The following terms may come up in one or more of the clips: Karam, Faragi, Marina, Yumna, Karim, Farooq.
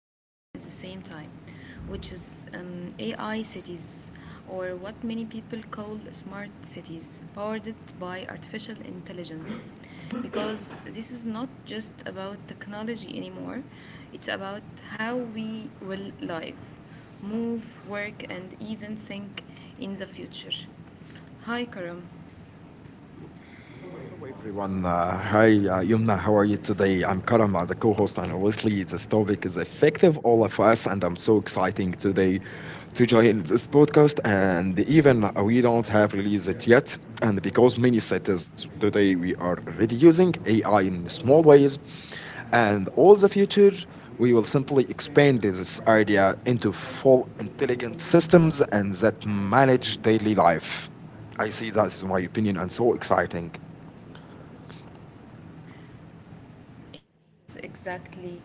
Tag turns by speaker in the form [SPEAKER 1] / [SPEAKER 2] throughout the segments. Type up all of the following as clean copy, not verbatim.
[SPEAKER 1] scary at the same time, which is AI cities, or what many people call smart cities, powered by artificial intelligence. Because this is not just about technology anymore, it's about how we will live move, work, and even think in the future. Hi, Karam. Hello
[SPEAKER 2] Hello
[SPEAKER 1] everyone,
[SPEAKER 2] everyone. Uh,
[SPEAKER 1] hi
[SPEAKER 2] hi, uh,
[SPEAKER 1] Marina, how
[SPEAKER 2] Yumna,
[SPEAKER 1] are
[SPEAKER 2] how
[SPEAKER 1] you
[SPEAKER 2] are you
[SPEAKER 1] today? I'm
[SPEAKER 2] today? I'm
[SPEAKER 1] Karam,
[SPEAKER 2] Karam, as a co-host,
[SPEAKER 1] I'm
[SPEAKER 2] and
[SPEAKER 1] the
[SPEAKER 2] obviously this
[SPEAKER 1] this
[SPEAKER 2] topic
[SPEAKER 1] topic
[SPEAKER 2] is
[SPEAKER 1] is affecting all
[SPEAKER 2] effective
[SPEAKER 1] of
[SPEAKER 2] all of
[SPEAKER 1] us.
[SPEAKER 2] us,
[SPEAKER 1] I'm
[SPEAKER 2] and
[SPEAKER 1] so
[SPEAKER 2] I'm so
[SPEAKER 1] excited
[SPEAKER 2] exciting
[SPEAKER 1] today
[SPEAKER 2] today
[SPEAKER 1] to join
[SPEAKER 2] to
[SPEAKER 1] this
[SPEAKER 2] join this
[SPEAKER 1] podcast.
[SPEAKER 2] podcast.
[SPEAKER 1] Me
[SPEAKER 2] And
[SPEAKER 1] my
[SPEAKER 2] even
[SPEAKER 1] colleague all
[SPEAKER 2] we
[SPEAKER 1] have
[SPEAKER 2] don't have
[SPEAKER 1] these
[SPEAKER 2] released
[SPEAKER 1] ideas
[SPEAKER 2] it yet,
[SPEAKER 1] and
[SPEAKER 2] and
[SPEAKER 1] because there is
[SPEAKER 2] because
[SPEAKER 1] such
[SPEAKER 2] many
[SPEAKER 1] a simple
[SPEAKER 2] cities
[SPEAKER 1] way
[SPEAKER 2] today we are
[SPEAKER 1] of
[SPEAKER 2] already
[SPEAKER 1] using
[SPEAKER 2] using
[SPEAKER 1] AI in
[SPEAKER 2] AI in
[SPEAKER 1] small
[SPEAKER 2] small
[SPEAKER 1] ways
[SPEAKER 2] ways,
[SPEAKER 1] and over
[SPEAKER 2] and
[SPEAKER 1] the
[SPEAKER 2] all the
[SPEAKER 1] future,
[SPEAKER 2] future
[SPEAKER 1] we will
[SPEAKER 2] we will
[SPEAKER 1] simply
[SPEAKER 2] simply
[SPEAKER 1] expand
[SPEAKER 2] expand
[SPEAKER 1] this
[SPEAKER 2] this
[SPEAKER 1] area
[SPEAKER 2] idea
[SPEAKER 1] into
[SPEAKER 2] into
[SPEAKER 1] four
[SPEAKER 2] full
[SPEAKER 1] building
[SPEAKER 2] intelligent
[SPEAKER 1] systems and
[SPEAKER 2] systems
[SPEAKER 1] set
[SPEAKER 2] and that
[SPEAKER 1] manage
[SPEAKER 2] manage
[SPEAKER 1] daily
[SPEAKER 2] daily
[SPEAKER 1] life.
[SPEAKER 2] life.
[SPEAKER 1] I see
[SPEAKER 2] I see that is my
[SPEAKER 1] that's
[SPEAKER 2] opinion
[SPEAKER 1] what
[SPEAKER 2] and
[SPEAKER 1] it's
[SPEAKER 2] so
[SPEAKER 1] like.
[SPEAKER 2] exciting.
[SPEAKER 1] Yes, exactly.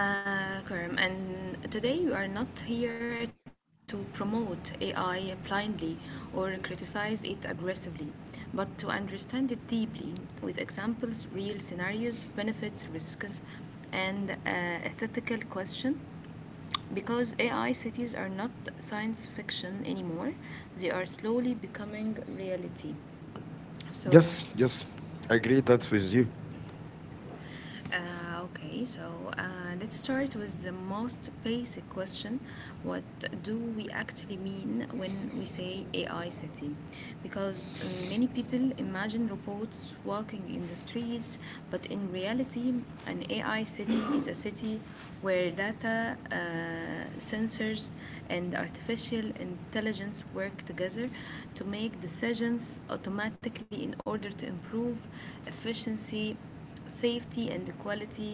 [SPEAKER 1] Karim, and today we are not here to promote AI blindly or criticize it aggressively, but to understand it deeply with examples, real scenarios, benefits, risks, and ethical question. Because AI cities are not science fiction anymore, they are slowly becoming reality. So,
[SPEAKER 2] Yes, yes, I agree that with you.
[SPEAKER 1] uh, okay, so uh, let's start with the most basic question. What do we actually mean when we say AI city? Because many people imagine robots walking in the streets, but in reality, an AI city is a city where data, sensors, and artificial intelligence work together to make decisions automatically in order to improve efficiency, safety, and the quality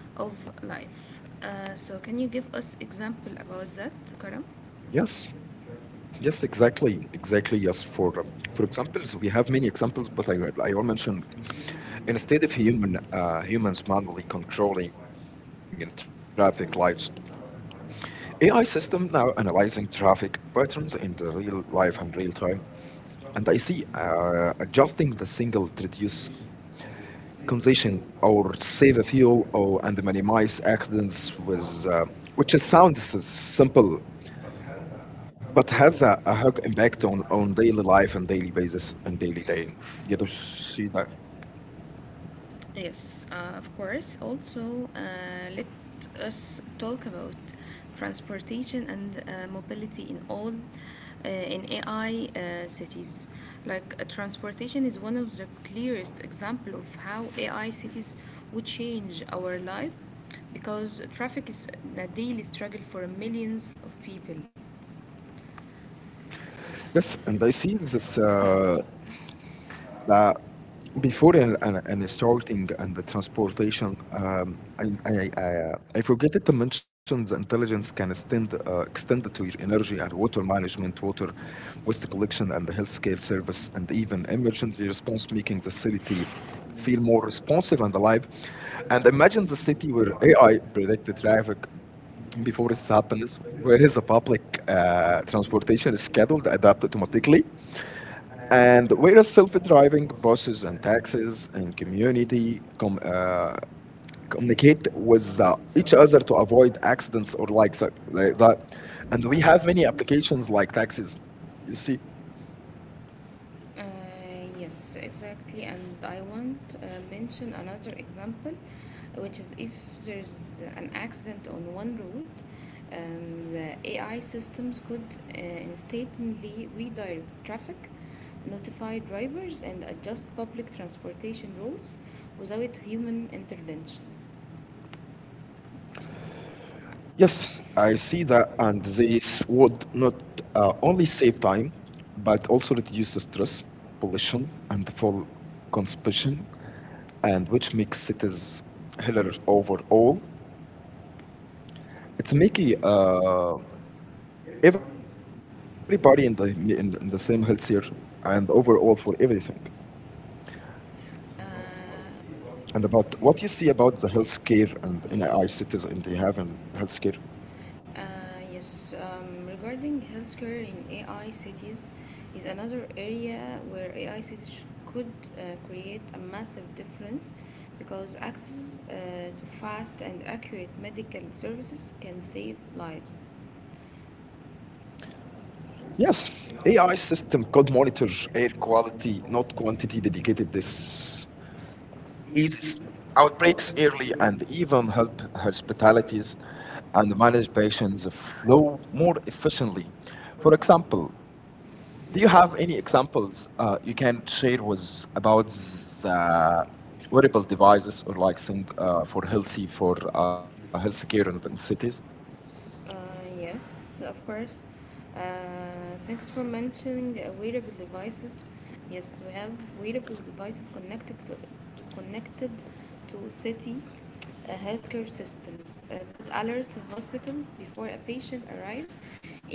[SPEAKER 1] of life. Can you give us example about that, Karam? Yes, yes, exactly,
[SPEAKER 2] Yes, yes,
[SPEAKER 1] exactly. Yes, we
[SPEAKER 2] exactly,
[SPEAKER 1] can go
[SPEAKER 2] exactly.
[SPEAKER 1] into
[SPEAKER 2] Yes,
[SPEAKER 1] examples. We have many
[SPEAKER 2] for
[SPEAKER 1] examples for
[SPEAKER 2] examples,
[SPEAKER 1] that.
[SPEAKER 2] we have
[SPEAKER 1] I
[SPEAKER 2] many
[SPEAKER 1] will mention
[SPEAKER 2] examples, but I will
[SPEAKER 1] instead
[SPEAKER 2] mention
[SPEAKER 1] human, humans
[SPEAKER 2] instead of
[SPEAKER 1] farming, clothing,
[SPEAKER 2] humans
[SPEAKER 1] travel, wives.
[SPEAKER 2] manually controlling in traffic
[SPEAKER 1] AI
[SPEAKER 2] lights.
[SPEAKER 1] system power and to travel,
[SPEAKER 2] AI
[SPEAKER 1] weather,
[SPEAKER 2] system now analyzing
[SPEAKER 1] food, life.
[SPEAKER 2] traffic patterns in the real life
[SPEAKER 1] Basically,
[SPEAKER 2] and real time, and I
[SPEAKER 1] adjusting
[SPEAKER 2] see
[SPEAKER 1] seasonal cues,
[SPEAKER 2] adjusting the single to reduce
[SPEAKER 1] position or same people
[SPEAKER 2] congestion
[SPEAKER 1] or
[SPEAKER 2] or
[SPEAKER 1] whatever like
[SPEAKER 2] save a
[SPEAKER 1] voice
[SPEAKER 2] fuel or
[SPEAKER 1] activists,
[SPEAKER 2] and
[SPEAKER 1] uh,
[SPEAKER 2] minimize
[SPEAKER 1] which is
[SPEAKER 2] accidents
[SPEAKER 1] sounds
[SPEAKER 2] with.
[SPEAKER 1] simple
[SPEAKER 2] Which is sounds simple,
[SPEAKER 1] but has a heavy impact
[SPEAKER 2] but has
[SPEAKER 1] on
[SPEAKER 2] a hug
[SPEAKER 1] real
[SPEAKER 2] impact on daily life and daily basis and daily
[SPEAKER 1] life.
[SPEAKER 2] day. Yeah, do see that?
[SPEAKER 1] Yes, of course. Also, let us talk about transportation and mobility in all in AI cities. Like transportation is one of the clearest example of how AI cities would change our life because traffic is a daily struggle for millions of people.
[SPEAKER 2] Yes, and I see this that before and starting and the transportation, I forget to mention the intelligence can extend, extend to your energy and water management, water waste collection, and the healthcare service, and even emergency response, making the city feel more responsive and alive.
[SPEAKER 1] But if I
[SPEAKER 2] And
[SPEAKER 1] think the
[SPEAKER 2] imagine the
[SPEAKER 1] city would
[SPEAKER 2] city
[SPEAKER 1] pay
[SPEAKER 2] where
[SPEAKER 1] on then
[SPEAKER 2] AI predict the traffic
[SPEAKER 1] you know, it's
[SPEAKER 2] before
[SPEAKER 1] not,
[SPEAKER 2] it happens,
[SPEAKER 1] but it's a
[SPEAKER 2] where is the
[SPEAKER 1] public,
[SPEAKER 2] public uh,
[SPEAKER 1] from the
[SPEAKER 2] transportation
[SPEAKER 1] business,
[SPEAKER 2] is
[SPEAKER 1] I think,
[SPEAKER 2] scheduled,
[SPEAKER 1] about
[SPEAKER 2] adapted
[SPEAKER 1] it.
[SPEAKER 2] automatically,
[SPEAKER 1] And the
[SPEAKER 2] and
[SPEAKER 1] biggest
[SPEAKER 2] whereas
[SPEAKER 1] problem
[SPEAKER 2] self-driving
[SPEAKER 1] was
[SPEAKER 2] buses and
[SPEAKER 1] taxes
[SPEAKER 2] taxis and
[SPEAKER 1] really uh, complicate
[SPEAKER 2] communicate
[SPEAKER 1] with
[SPEAKER 2] with
[SPEAKER 1] features
[SPEAKER 2] each
[SPEAKER 1] that
[SPEAKER 2] other
[SPEAKER 1] are
[SPEAKER 2] to
[SPEAKER 1] not
[SPEAKER 2] avoid accidents or
[SPEAKER 1] accessible.
[SPEAKER 2] like,
[SPEAKER 1] For
[SPEAKER 2] like
[SPEAKER 1] example,
[SPEAKER 2] that,
[SPEAKER 1] do we
[SPEAKER 2] and we
[SPEAKER 1] have any
[SPEAKER 2] have many
[SPEAKER 1] applications for
[SPEAKER 2] applications like
[SPEAKER 1] taxes?
[SPEAKER 2] taxis. You see,
[SPEAKER 1] Uh, yes, exactly. And I want mention another example, which is if there's an accident on one route, the AI systems could instantly redirect traffic, notify drivers, and adjust public transportation routes without human intervention.
[SPEAKER 2] yes, I see that, and this would not only save time, but also reduce the stress, pollution, and the full consumption, and which
[SPEAKER 1] Mm.
[SPEAKER 2] makes cities heller overall. It's making everybody in in the same healthier and overall for everything. And about what you see about the healthcare and in AI cities and you have in healthcare.
[SPEAKER 1] Yes, regarding healthcare in AI cities is another area where AI cities could create a massive difference because access to fast and accurate medical services can save lives.
[SPEAKER 2] Yes, AI system could monitor air quality, not quantity, dedicated this
[SPEAKER 1] Is
[SPEAKER 2] eases
[SPEAKER 1] our
[SPEAKER 2] outbreaks
[SPEAKER 1] experience
[SPEAKER 2] early
[SPEAKER 1] of
[SPEAKER 2] and
[SPEAKER 1] people
[SPEAKER 2] even
[SPEAKER 1] of
[SPEAKER 2] help
[SPEAKER 1] hospitalities
[SPEAKER 2] hospitalities
[SPEAKER 1] and
[SPEAKER 2] and
[SPEAKER 1] manage
[SPEAKER 2] manage
[SPEAKER 1] patients
[SPEAKER 2] patients
[SPEAKER 1] know
[SPEAKER 2] flow
[SPEAKER 1] more
[SPEAKER 2] more
[SPEAKER 1] to do.
[SPEAKER 2] efficiently.
[SPEAKER 1] For
[SPEAKER 2] For
[SPEAKER 1] example,
[SPEAKER 2] example,
[SPEAKER 1] do you
[SPEAKER 2] do you
[SPEAKER 1] have
[SPEAKER 2] have
[SPEAKER 1] any
[SPEAKER 2] any
[SPEAKER 1] examples
[SPEAKER 2] examples
[SPEAKER 1] you
[SPEAKER 2] you
[SPEAKER 1] can
[SPEAKER 2] can
[SPEAKER 1] share
[SPEAKER 2] share
[SPEAKER 1] with
[SPEAKER 2] with
[SPEAKER 1] us how
[SPEAKER 2] about
[SPEAKER 1] is this
[SPEAKER 2] the
[SPEAKER 1] whatever
[SPEAKER 2] wearable
[SPEAKER 1] device
[SPEAKER 2] devices or
[SPEAKER 1] is
[SPEAKER 2] like thing
[SPEAKER 1] for
[SPEAKER 2] for
[SPEAKER 1] this
[SPEAKER 2] healthy for healthcare in
[SPEAKER 1] experience?
[SPEAKER 2] the cities?
[SPEAKER 1] Uh, yes, of course. Uh, Thanks for mentioning wearable devices. Yes, we have wearable devices connected connected to city healthcare systems. Could alert hospitals before a patient arrives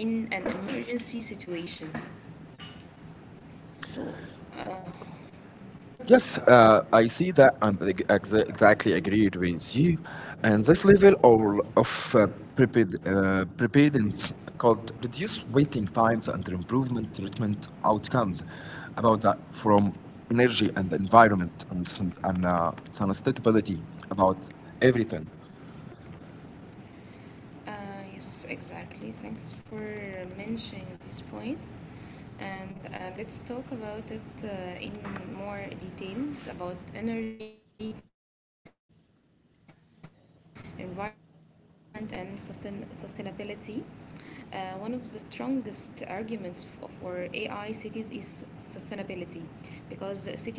[SPEAKER 1] in an emergency situation. So, uh, Yes,
[SPEAKER 2] Yes, I see that and I exactly
[SPEAKER 1] exactly
[SPEAKER 2] agreed with you. And this
[SPEAKER 1] ancestral
[SPEAKER 2] level
[SPEAKER 1] hope
[SPEAKER 2] of,
[SPEAKER 1] of
[SPEAKER 2] of uh,
[SPEAKER 1] therapeutic
[SPEAKER 2] prepared, uh, preparedness
[SPEAKER 1] of
[SPEAKER 2] could
[SPEAKER 1] at least
[SPEAKER 2] reduce
[SPEAKER 1] three
[SPEAKER 2] waiting
[SPEAKER 1] lines
[SPEAKER 2] times
[SPEAKER 1] that
[SPEAKER 2] and improvement
[SPEAKER 1] we
[SPEAKER 2] treatment
[SPEAKER 1] our terms
[SPEAKER 2] outcomes.
[SPEAKER 1] about
[SPEAKER 2] About
[SPEAKER 1] that
[SPEAKER 2] that,
[SPEAKER 1] we will
[SPEAKER 2] from energy
[SPEAKER 1] eventually
[SPEAKER 2] and
[SPEAKER 1] combine.
[SPEAKER 2] environment and, sustainability about everything.
[SPEAKER 1] Yes, exactly. Thanks for mentioning this point. And let's talk about it in more details about energy, environment, and sustainability. One of the strongest arguments for AI cities is sustainability because cities consume massive amounts of energy.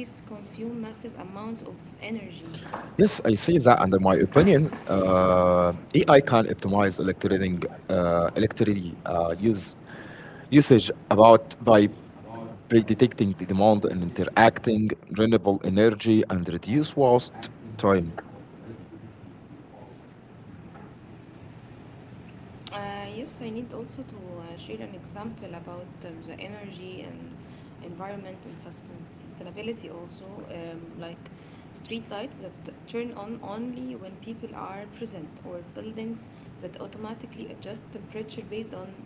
[SPEAKER 2] Yes, I see that, and in my opinion, AI can optimize electricity, electricity use usage about by predicting the demand and interacting renewable energy and reduce waste time.
[SPEAKER 1] Yes, I need also to share an example about the energy and environment and sustainability also, like street lights that turn on only when people are present, or buildings that automatically adjust temperature based on occupancy.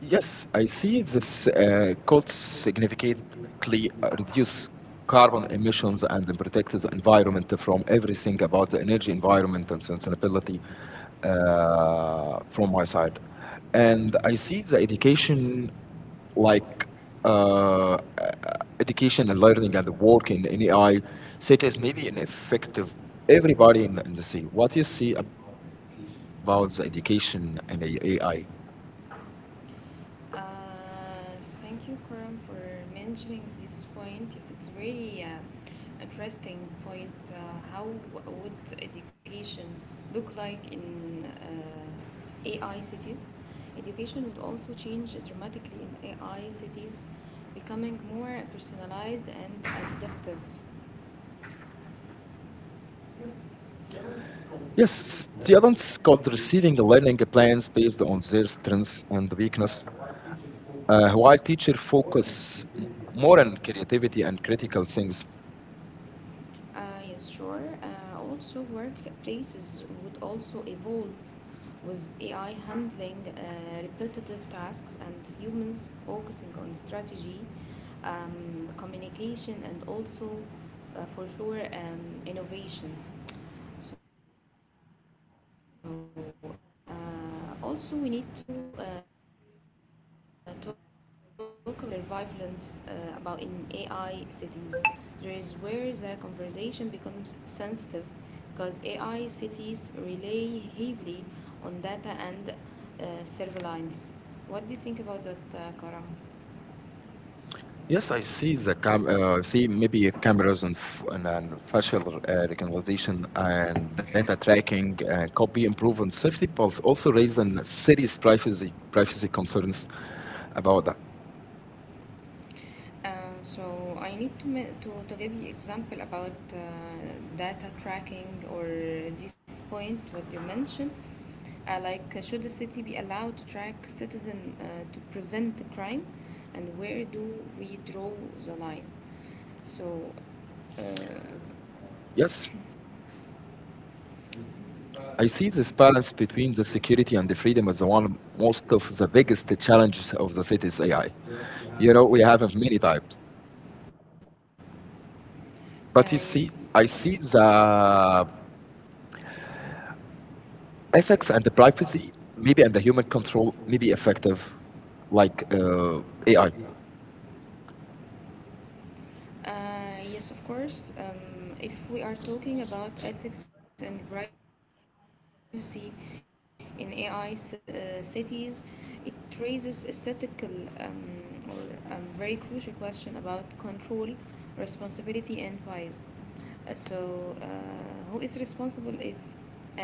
[SPEAKER 2] Yes, I see this could significantly reduce carbon emissions and protect the environment from everything about the energy environment and sustainability from my side. And
[SPEAKER 1] I
[SPEAKER 2] I
[SPEAKER 1] s-
[SPEAKER 2] see the
[SPEAKER 1] education,
[SPEAKER 2] education
[SPEAKER 1] like,
[SPEAKER 2] like
[SPEAKER 1] uh,
[SPEAKER 2] uh, uh,
[SPEAKER 1] education
[SPEAKER 2] education and
[SPEAKER 1] environment,
[SPEAKER 2] learning
[SPEAKER 1] that
[SPEAKER 2] and
[SPEAKER 1] we
[SPEAKER 2] work
[SPEAKER 1] can
[SPEAKER 2] in
[SPEAKER 1] be about
[SPEAKER 2] AI, such as
[SPEAKER 1] citizenry,
[SPEAKER 2] maybe an effective
[SPEAKER 1] everybody,
[SPEAKER 2] everybody in the sea.
[SPEAKER 1] what
[SPEAKER 2] What
[SPEAKER 1] is
[SPEAKER 2] you
[SPEAKER 1] the
[SPEAKER 2] see
[SPEAKER 1] about
[SPEAKER 2] about the
[SPEAKER 1] education?
[SPEAKER 2] education and AI?
[SPEAKER 1] Uh, Thank you, Karam, for mentioning this point. Yes, it's very interesting point. How would education look like in AI cities? Education would also change dramatically in AI cities, becoming more personalized and adaptive.
[SPEAKER 2] Yes, students could receiving learning plans based on their strengths and weakness,
[SPEAKER 1] Why
[SPEAKER 2] while
[SPEAKER 1] you should
[SPEAKER 2] teacher
[SPEAKER 1] focus more
[SPEAKER 2] more
[SPEAKER 1] on
[SPEAKER 2] on
[SPEAKER 1] creativity
[SPEAKER 2] creativity
[SPEAKER 1] and
[SPEAKER 2] and
[SPEAKER 1] creativeness.
[SPEAKER 2] critical things.
[SPEAKER 1] Yes, sure. Also, workplaces would also evolve with AI handling repetitive tasks and humans focusing on strategy, communication, and also, for sure, innovation. So, Also we need to uh, talk about safety or security, uh, surveillance about in AI cities. There is where the conversation becomes sensitive because AI cities rely heavily on data and surveillance. What do you think about that, Karam?
[SPEAKER 2] Yes, I see the cam. I see maybe cameras and, and facial recognition and data tracking could be improved on safety, but also raising serious privacy concerns about that.
[SPEAKER 1] Uh, so I need to, to give you example about data tracking or this point what you mentioned. Like should the city be allowed to track citizen to prevent the crime, and where do we draw the line? So uh,
[SPEAKER 2] Yes, I
[SPEAKER 1] this
[SPEAKER 2] see
[SPEAKER 1] is
[SPEAKER 2] this balance
[SPEAKER 1] this
[SPEAKER 2] between the security and the freedom is the one most of the biggest challenges of the city's AI. You know, we have
[SPEAKER 1] uh,
[SPEAKER 2] many types,
[SPEAKER 1] uh,
[SPEAKER 2] but you see,
[SPEAKER 1] yes. I
[SPEAKER 2] I
[SPEAKER 1] um,
[SPEAKER 2] see
[SPEAKER 1] uh,
[SPEAKER 2] the ethics and
[SPEAKER 1] Essence
[SPEAKER 2] the
[SPEAKER 1] and the drivers
[SPEAKER 2] privacy, maybe,
[SPEAKER 1] in
[SPEAKER 2] and the
[SPEAKER 1] the
[SPEAKER 2] human control,
[SPEAKER 1] control.
[SPEAKER 2] maybe effective, like
[SPEAKER 1] uh,
[SPEAKER 2] AI.
[SPEAKER 1] Yeah. Yes, of course. If we are talking about ethics and privacy in AI cities, it raises a ethical or very crucial question about control, responsibility, and bias. Uh, So, uh, who is responsible if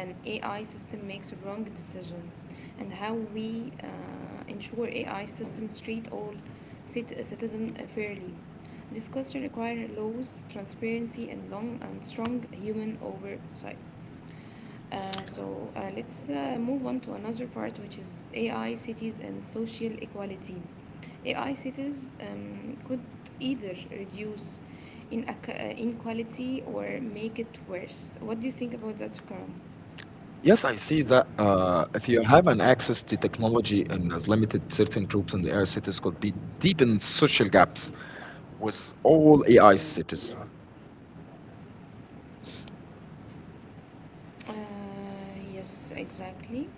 [SPEAKER 1] an AI system makes a wrong decision, and how we ensure AI systems treat all citizens fairly? This question requires laws, transparency, and long and strong human oversight. Let's move on to another part, which is AI cities and social equality. AI cities could either reduce in inequality or make it worse. What do you think about that, Karam?
[SPEAKER 2] Yes, I see
[SPEAKER 1] Yes, Uh,
[SPEAKER 2] that if you have an access to technology and as limited certain groups in the air cities could be deep in social gaps with all AI cities.
[SPEAKER 1] Yes, exactly.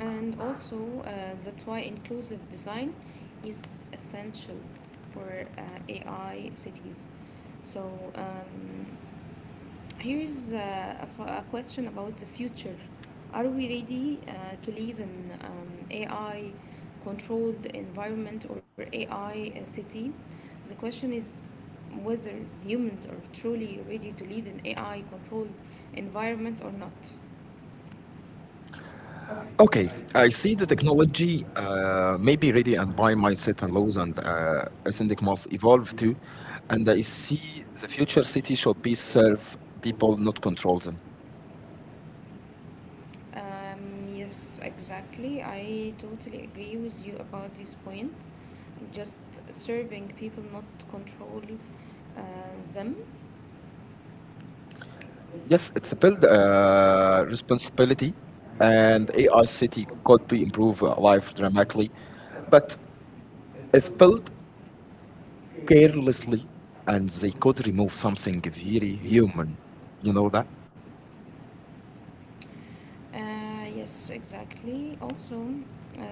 [SPEAKER 1] And also, that's why inclusive design is essential for uh, AI cities. So, um, Here's a question about the future. Are we ready to live in AI controlled environment or AI a I city? The question is whether humans are truly ready to live in AI controlled environment or not. Okay,
[SPEAKER 2] Okay,
[SPEAKER 1] I
[SPEAKER 2] I
[SPEAKER 1] see.
[SPEAKER 2] see the
[SPEAKER 1] Technology,
[SPEAKER 2] technology may
[SPEAKER 1] AKA
[SPEAKER 2] be
[SPEAKER 1] and
[SPEAKER 2] ready
[SPEAKER 1] I
[SPEAKER 2] and by my
[SPEAKER 1] myself
[SPEAKER 2] certain
[SPEAKER 1] use
[SPEAKER 2] laws and
[SPEAKER 1] as the
[SPEAKER 2] syndic
[SPEAKER 1] most
[SPEAKER 2] must evolve
[SPEAKER 1] important
[SPEAKER 2] too. And I
[SPEAKER 1] place.
[SPEAKER 2] see the
[SPEAKER 1] Just
[SPEAKER 2] future
[SPEAKER 1] use
[SPEAKER 2] city should be
[SPEAKER 1] itself
[SPEAKER 2] serve
[SPEAKER 1] go to
[SPEAKER 2] people, not control them.
[SPEAKER 1] it. Yes, exactly. I totally agree with you about this point. Just serving people, not control uh, them. Yes,
[SPEAKER 2] Yes,
[SPEAKER 1] it's
[SPEAKER 2] it's a
[SPEAKER 1] better.
[SPEAKER 2] build uh, responsibility and
[SPEAKER 1] And AI
[SPEAKER 2] AI city
[SPEAKER 1] could be
[SPEAKER 2] could be
[SPEAKER 1] improved
[SPEAKER 2] improve
[SPEAKER 1] on
[SPEAKER 2] uh,
[SPEAKER 1] how.
[SPEAKER 2] life dramatically.
[SPEAKER 1] But
[SPEAKER 2] But if
[SPEAKER 1] difficult.
[SPEAKER 2] built carelessly and they could remove something very human, you know that?
[SPEAKER 1] Yes, exactly. Also, uh,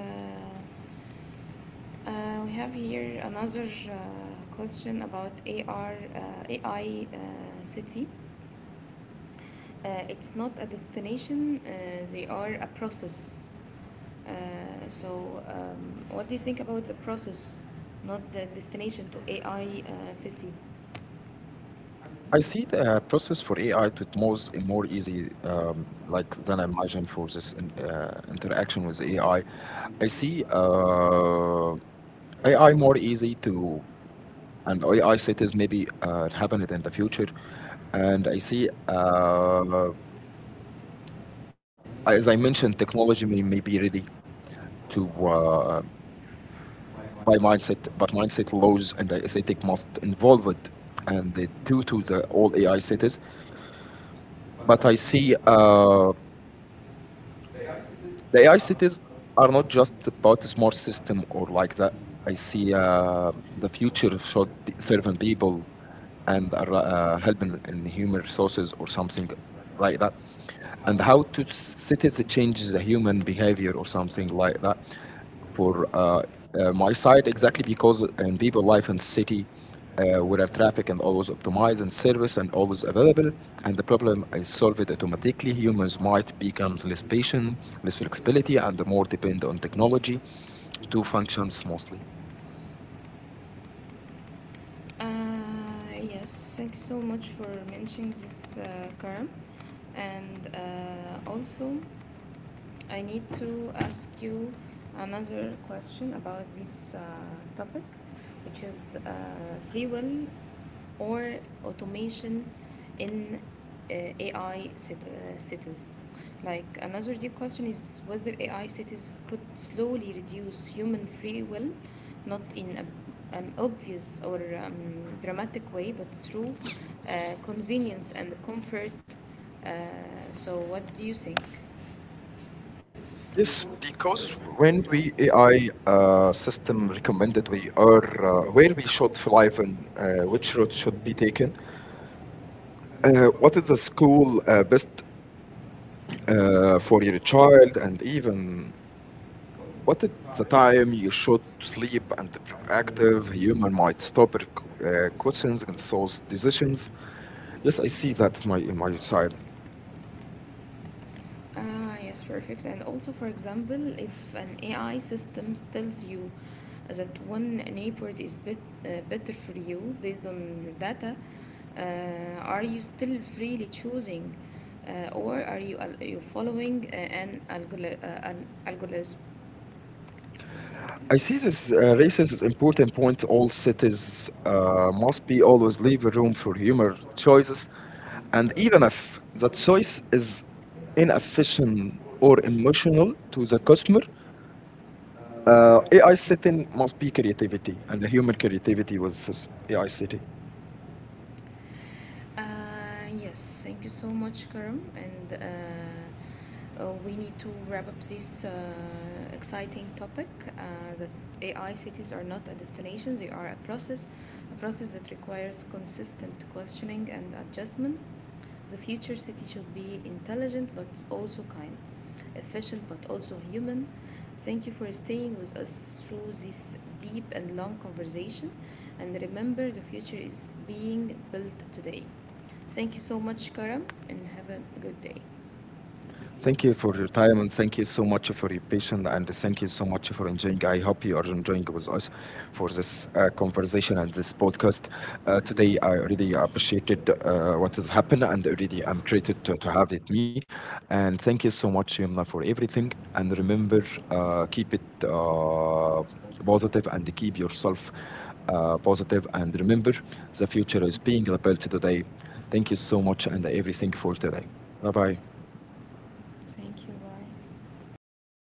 [SPEAKER 1] we have here another question about AR, AI city. It's not a destination, they are a process. Uh, what do you think about the process, not the destination to AI city?
[SPEAKER 2] I see the process for AI to most more easy like than I imagine for this in, interaction with AI. I see AI more easy to and AI cities maybe happen it in the future. And I see, as I mentioned, technology may be ready to uh, buy mindset, but mindset laws and the aesthetic must involve it and the two to the all AI cities.
[SPEAKER 1] But I
[SPEAKER 2] But I
[SPEAKER 1] see
[SPEAKER 2] see.
[SPEAKER 1] they
[SPEAKER 2] The
[SPEAKER 1] asked
[SPEAKER 2] AI
[SPEAKER 1] this
[SPEAKER 2] cities
[SPEAKER 1] are
[SPEAKER 2] are not just
[SPEAKER 1] all the
[SPEAKER 2] about a smart
[SPEAKER 1] system
[SPEAKER 2] system
[SPEAKER 1] of
[SPEAKER 2] or like that. I
[SPEAKER 1] see, uh,
[SPEAKER 2] see the
[SPEAKER 1] which is
[SPEAKER 2] future
[SPEAKER 1] for
[SPEAKER 2] should be
[SPEAKER 1] certain
[SPEAKER 2] serving
[SPEAKER 1] people
[SPEAKER 2] people and
[SPEAKER 1] uh, and
[SPEAKER 2] helping in human
[SPEAKER 1] also
[SPEAKER 2] resources or
[SPEAKER 1] something
[SPEAKER 2] something
[SPEAKER 1] like
[SPEAKER 2] like that.
[SPEAKER 1] how to
[SPEAKER 2] And how to cities
[SPEAKER 1] change the
[SPEAKER 2] changes the human
[SPEAKER 1] people
[SPEAKER 2] behavior or
[SPEAKER 1] like
[SPEAKER 2] something
[SPEAKER 1] that.
[SPEAKER 2] like that. For
[SPEAKER 1] It's
[SPEAKER 2] my
[SPEAKER 1] how
[SPEAKER 2] side,
[SPEAKER 1] exactly
[SPEAKER 2] exactly
[SPEAKER 1] people
[SPEAKER 2] because in
[SPEAKER 1] people like
[SPEAKER 2] people life in city
[SPEAKER 1] that
[SPEAKER 2] where
[SPEAKER 1] have
[SPEAKER 2] traffic and always
[SPEAKER 1] market
[SPEAKER 2] optimized and
[SPEAKER 1] skills
[SPEAKER 2] service and always
[SPEAKER 1] or the and
[SPEAKER 2] available and the problem
[SPEAKER 1] it's
[SPEAKER 2] is
[SPEAKER 1] so
[SPEAKER 2] solved automatically humans
[SPEAKER 1] smart
[SPEAKER 2] might becomes less
[SPEAKER 1] because it's
[SPEAKER 2] patient, less
[SPEAKER 1] really,
[SPEAKER 2] flexibility and more depend on technology to function smoothly.
[SPEAKER 1] yes, thanks so much for mentioning this, Karam. And also, I need to ask you another question about this topic, which is uh, free will or automation in uh, AI cities. Like another deep question is whether AI cities could slowly reduce human free will, not in an obvious or dramatic way, but through convenience and comfort. Uh, what do you think?
[SPEAKER 2] Yes, because when we ai system recommended we are, where we should fly and which route should be taken,
[SPEAKER 1] Uh,
[SPEAKER 2] what is the
[SPEAKER 1] uh,
[SPEAKER 2] school
[SPEAKER 1] uh,
[SPEAKER 2] best for your child and even what is the time you should sleep and the proactive human might
[SPEAKER 1] so
[SPEAKER 2] stop
[SPEAKER 1] uh, so,
[SPEAKER 2] questions
[SPEAKER 1] so,
[SPEAKER 2] and source decisions? Yes, I see that my
[SPEAKER 1] Sorry.
[SPEAKER 2] side.
[SPEAKER 1] Ah, yes, perfect. And also, for example, if an AI system tells you that one neighborhood is better for you based on your data, are you still freely choosing, or are you al you following an algol al algorithm?
[SPEAKER 2] I see this raises an important point. All cities must be always leave room for human
[SPEAKER 1] Choice
[SPEAKER 2] choices,
[SPEAKER 1] and
[SPEAKER 2] and
[SPEAKER 1] even a
[SPEAKER 2] even if that
[SPEAKER 1] choice
[SPEAKER 2] choice is
[SPEAKER 1] in a fish
[SPEAKER 2] inefficient
[SPEAKER 1] or
[SPEAKER 2] or
[SPEAKER 1] emotion.
[SPEAKER 2] emotional to the customer,
[SPEAKER 1] Uh, they are
[SPEAKER 2] AI setting must be creativity, and
[SPEAKER 1] human
[SPEAKER 2] the
[SPEAKER 1] too.
[SPEAKER 2] human creativity was this AI city.
[SPEAKER 1] Yes, thank you so much, Karim. And we need to wrap up this exciting topic uh, that AI cities are not a destination, they are a process that requires consistent questioning and adjustment. The future city should be intelligent but also kind, efficient but also human. Thank you for staying with us through this deep and long conversation. And remember, the future is being built today. Thank you so much, Karam, and have a good day.
[SPEAKER 2] Thank you for your time and thank you so much for your patience and thank you so much for enjoying. I hope you are enjoying with us for this conversation and this podcast. Today, I really appreciated what has happened and really I'm grateful to have it me. And thank you so much, Yumna, for everything. And remember, keep it positive and keep yourself positive. And remember, the future is being built today. Thank you so much and everything for today. Bye bye.
[SPEAKER 1] Thank you. Bye.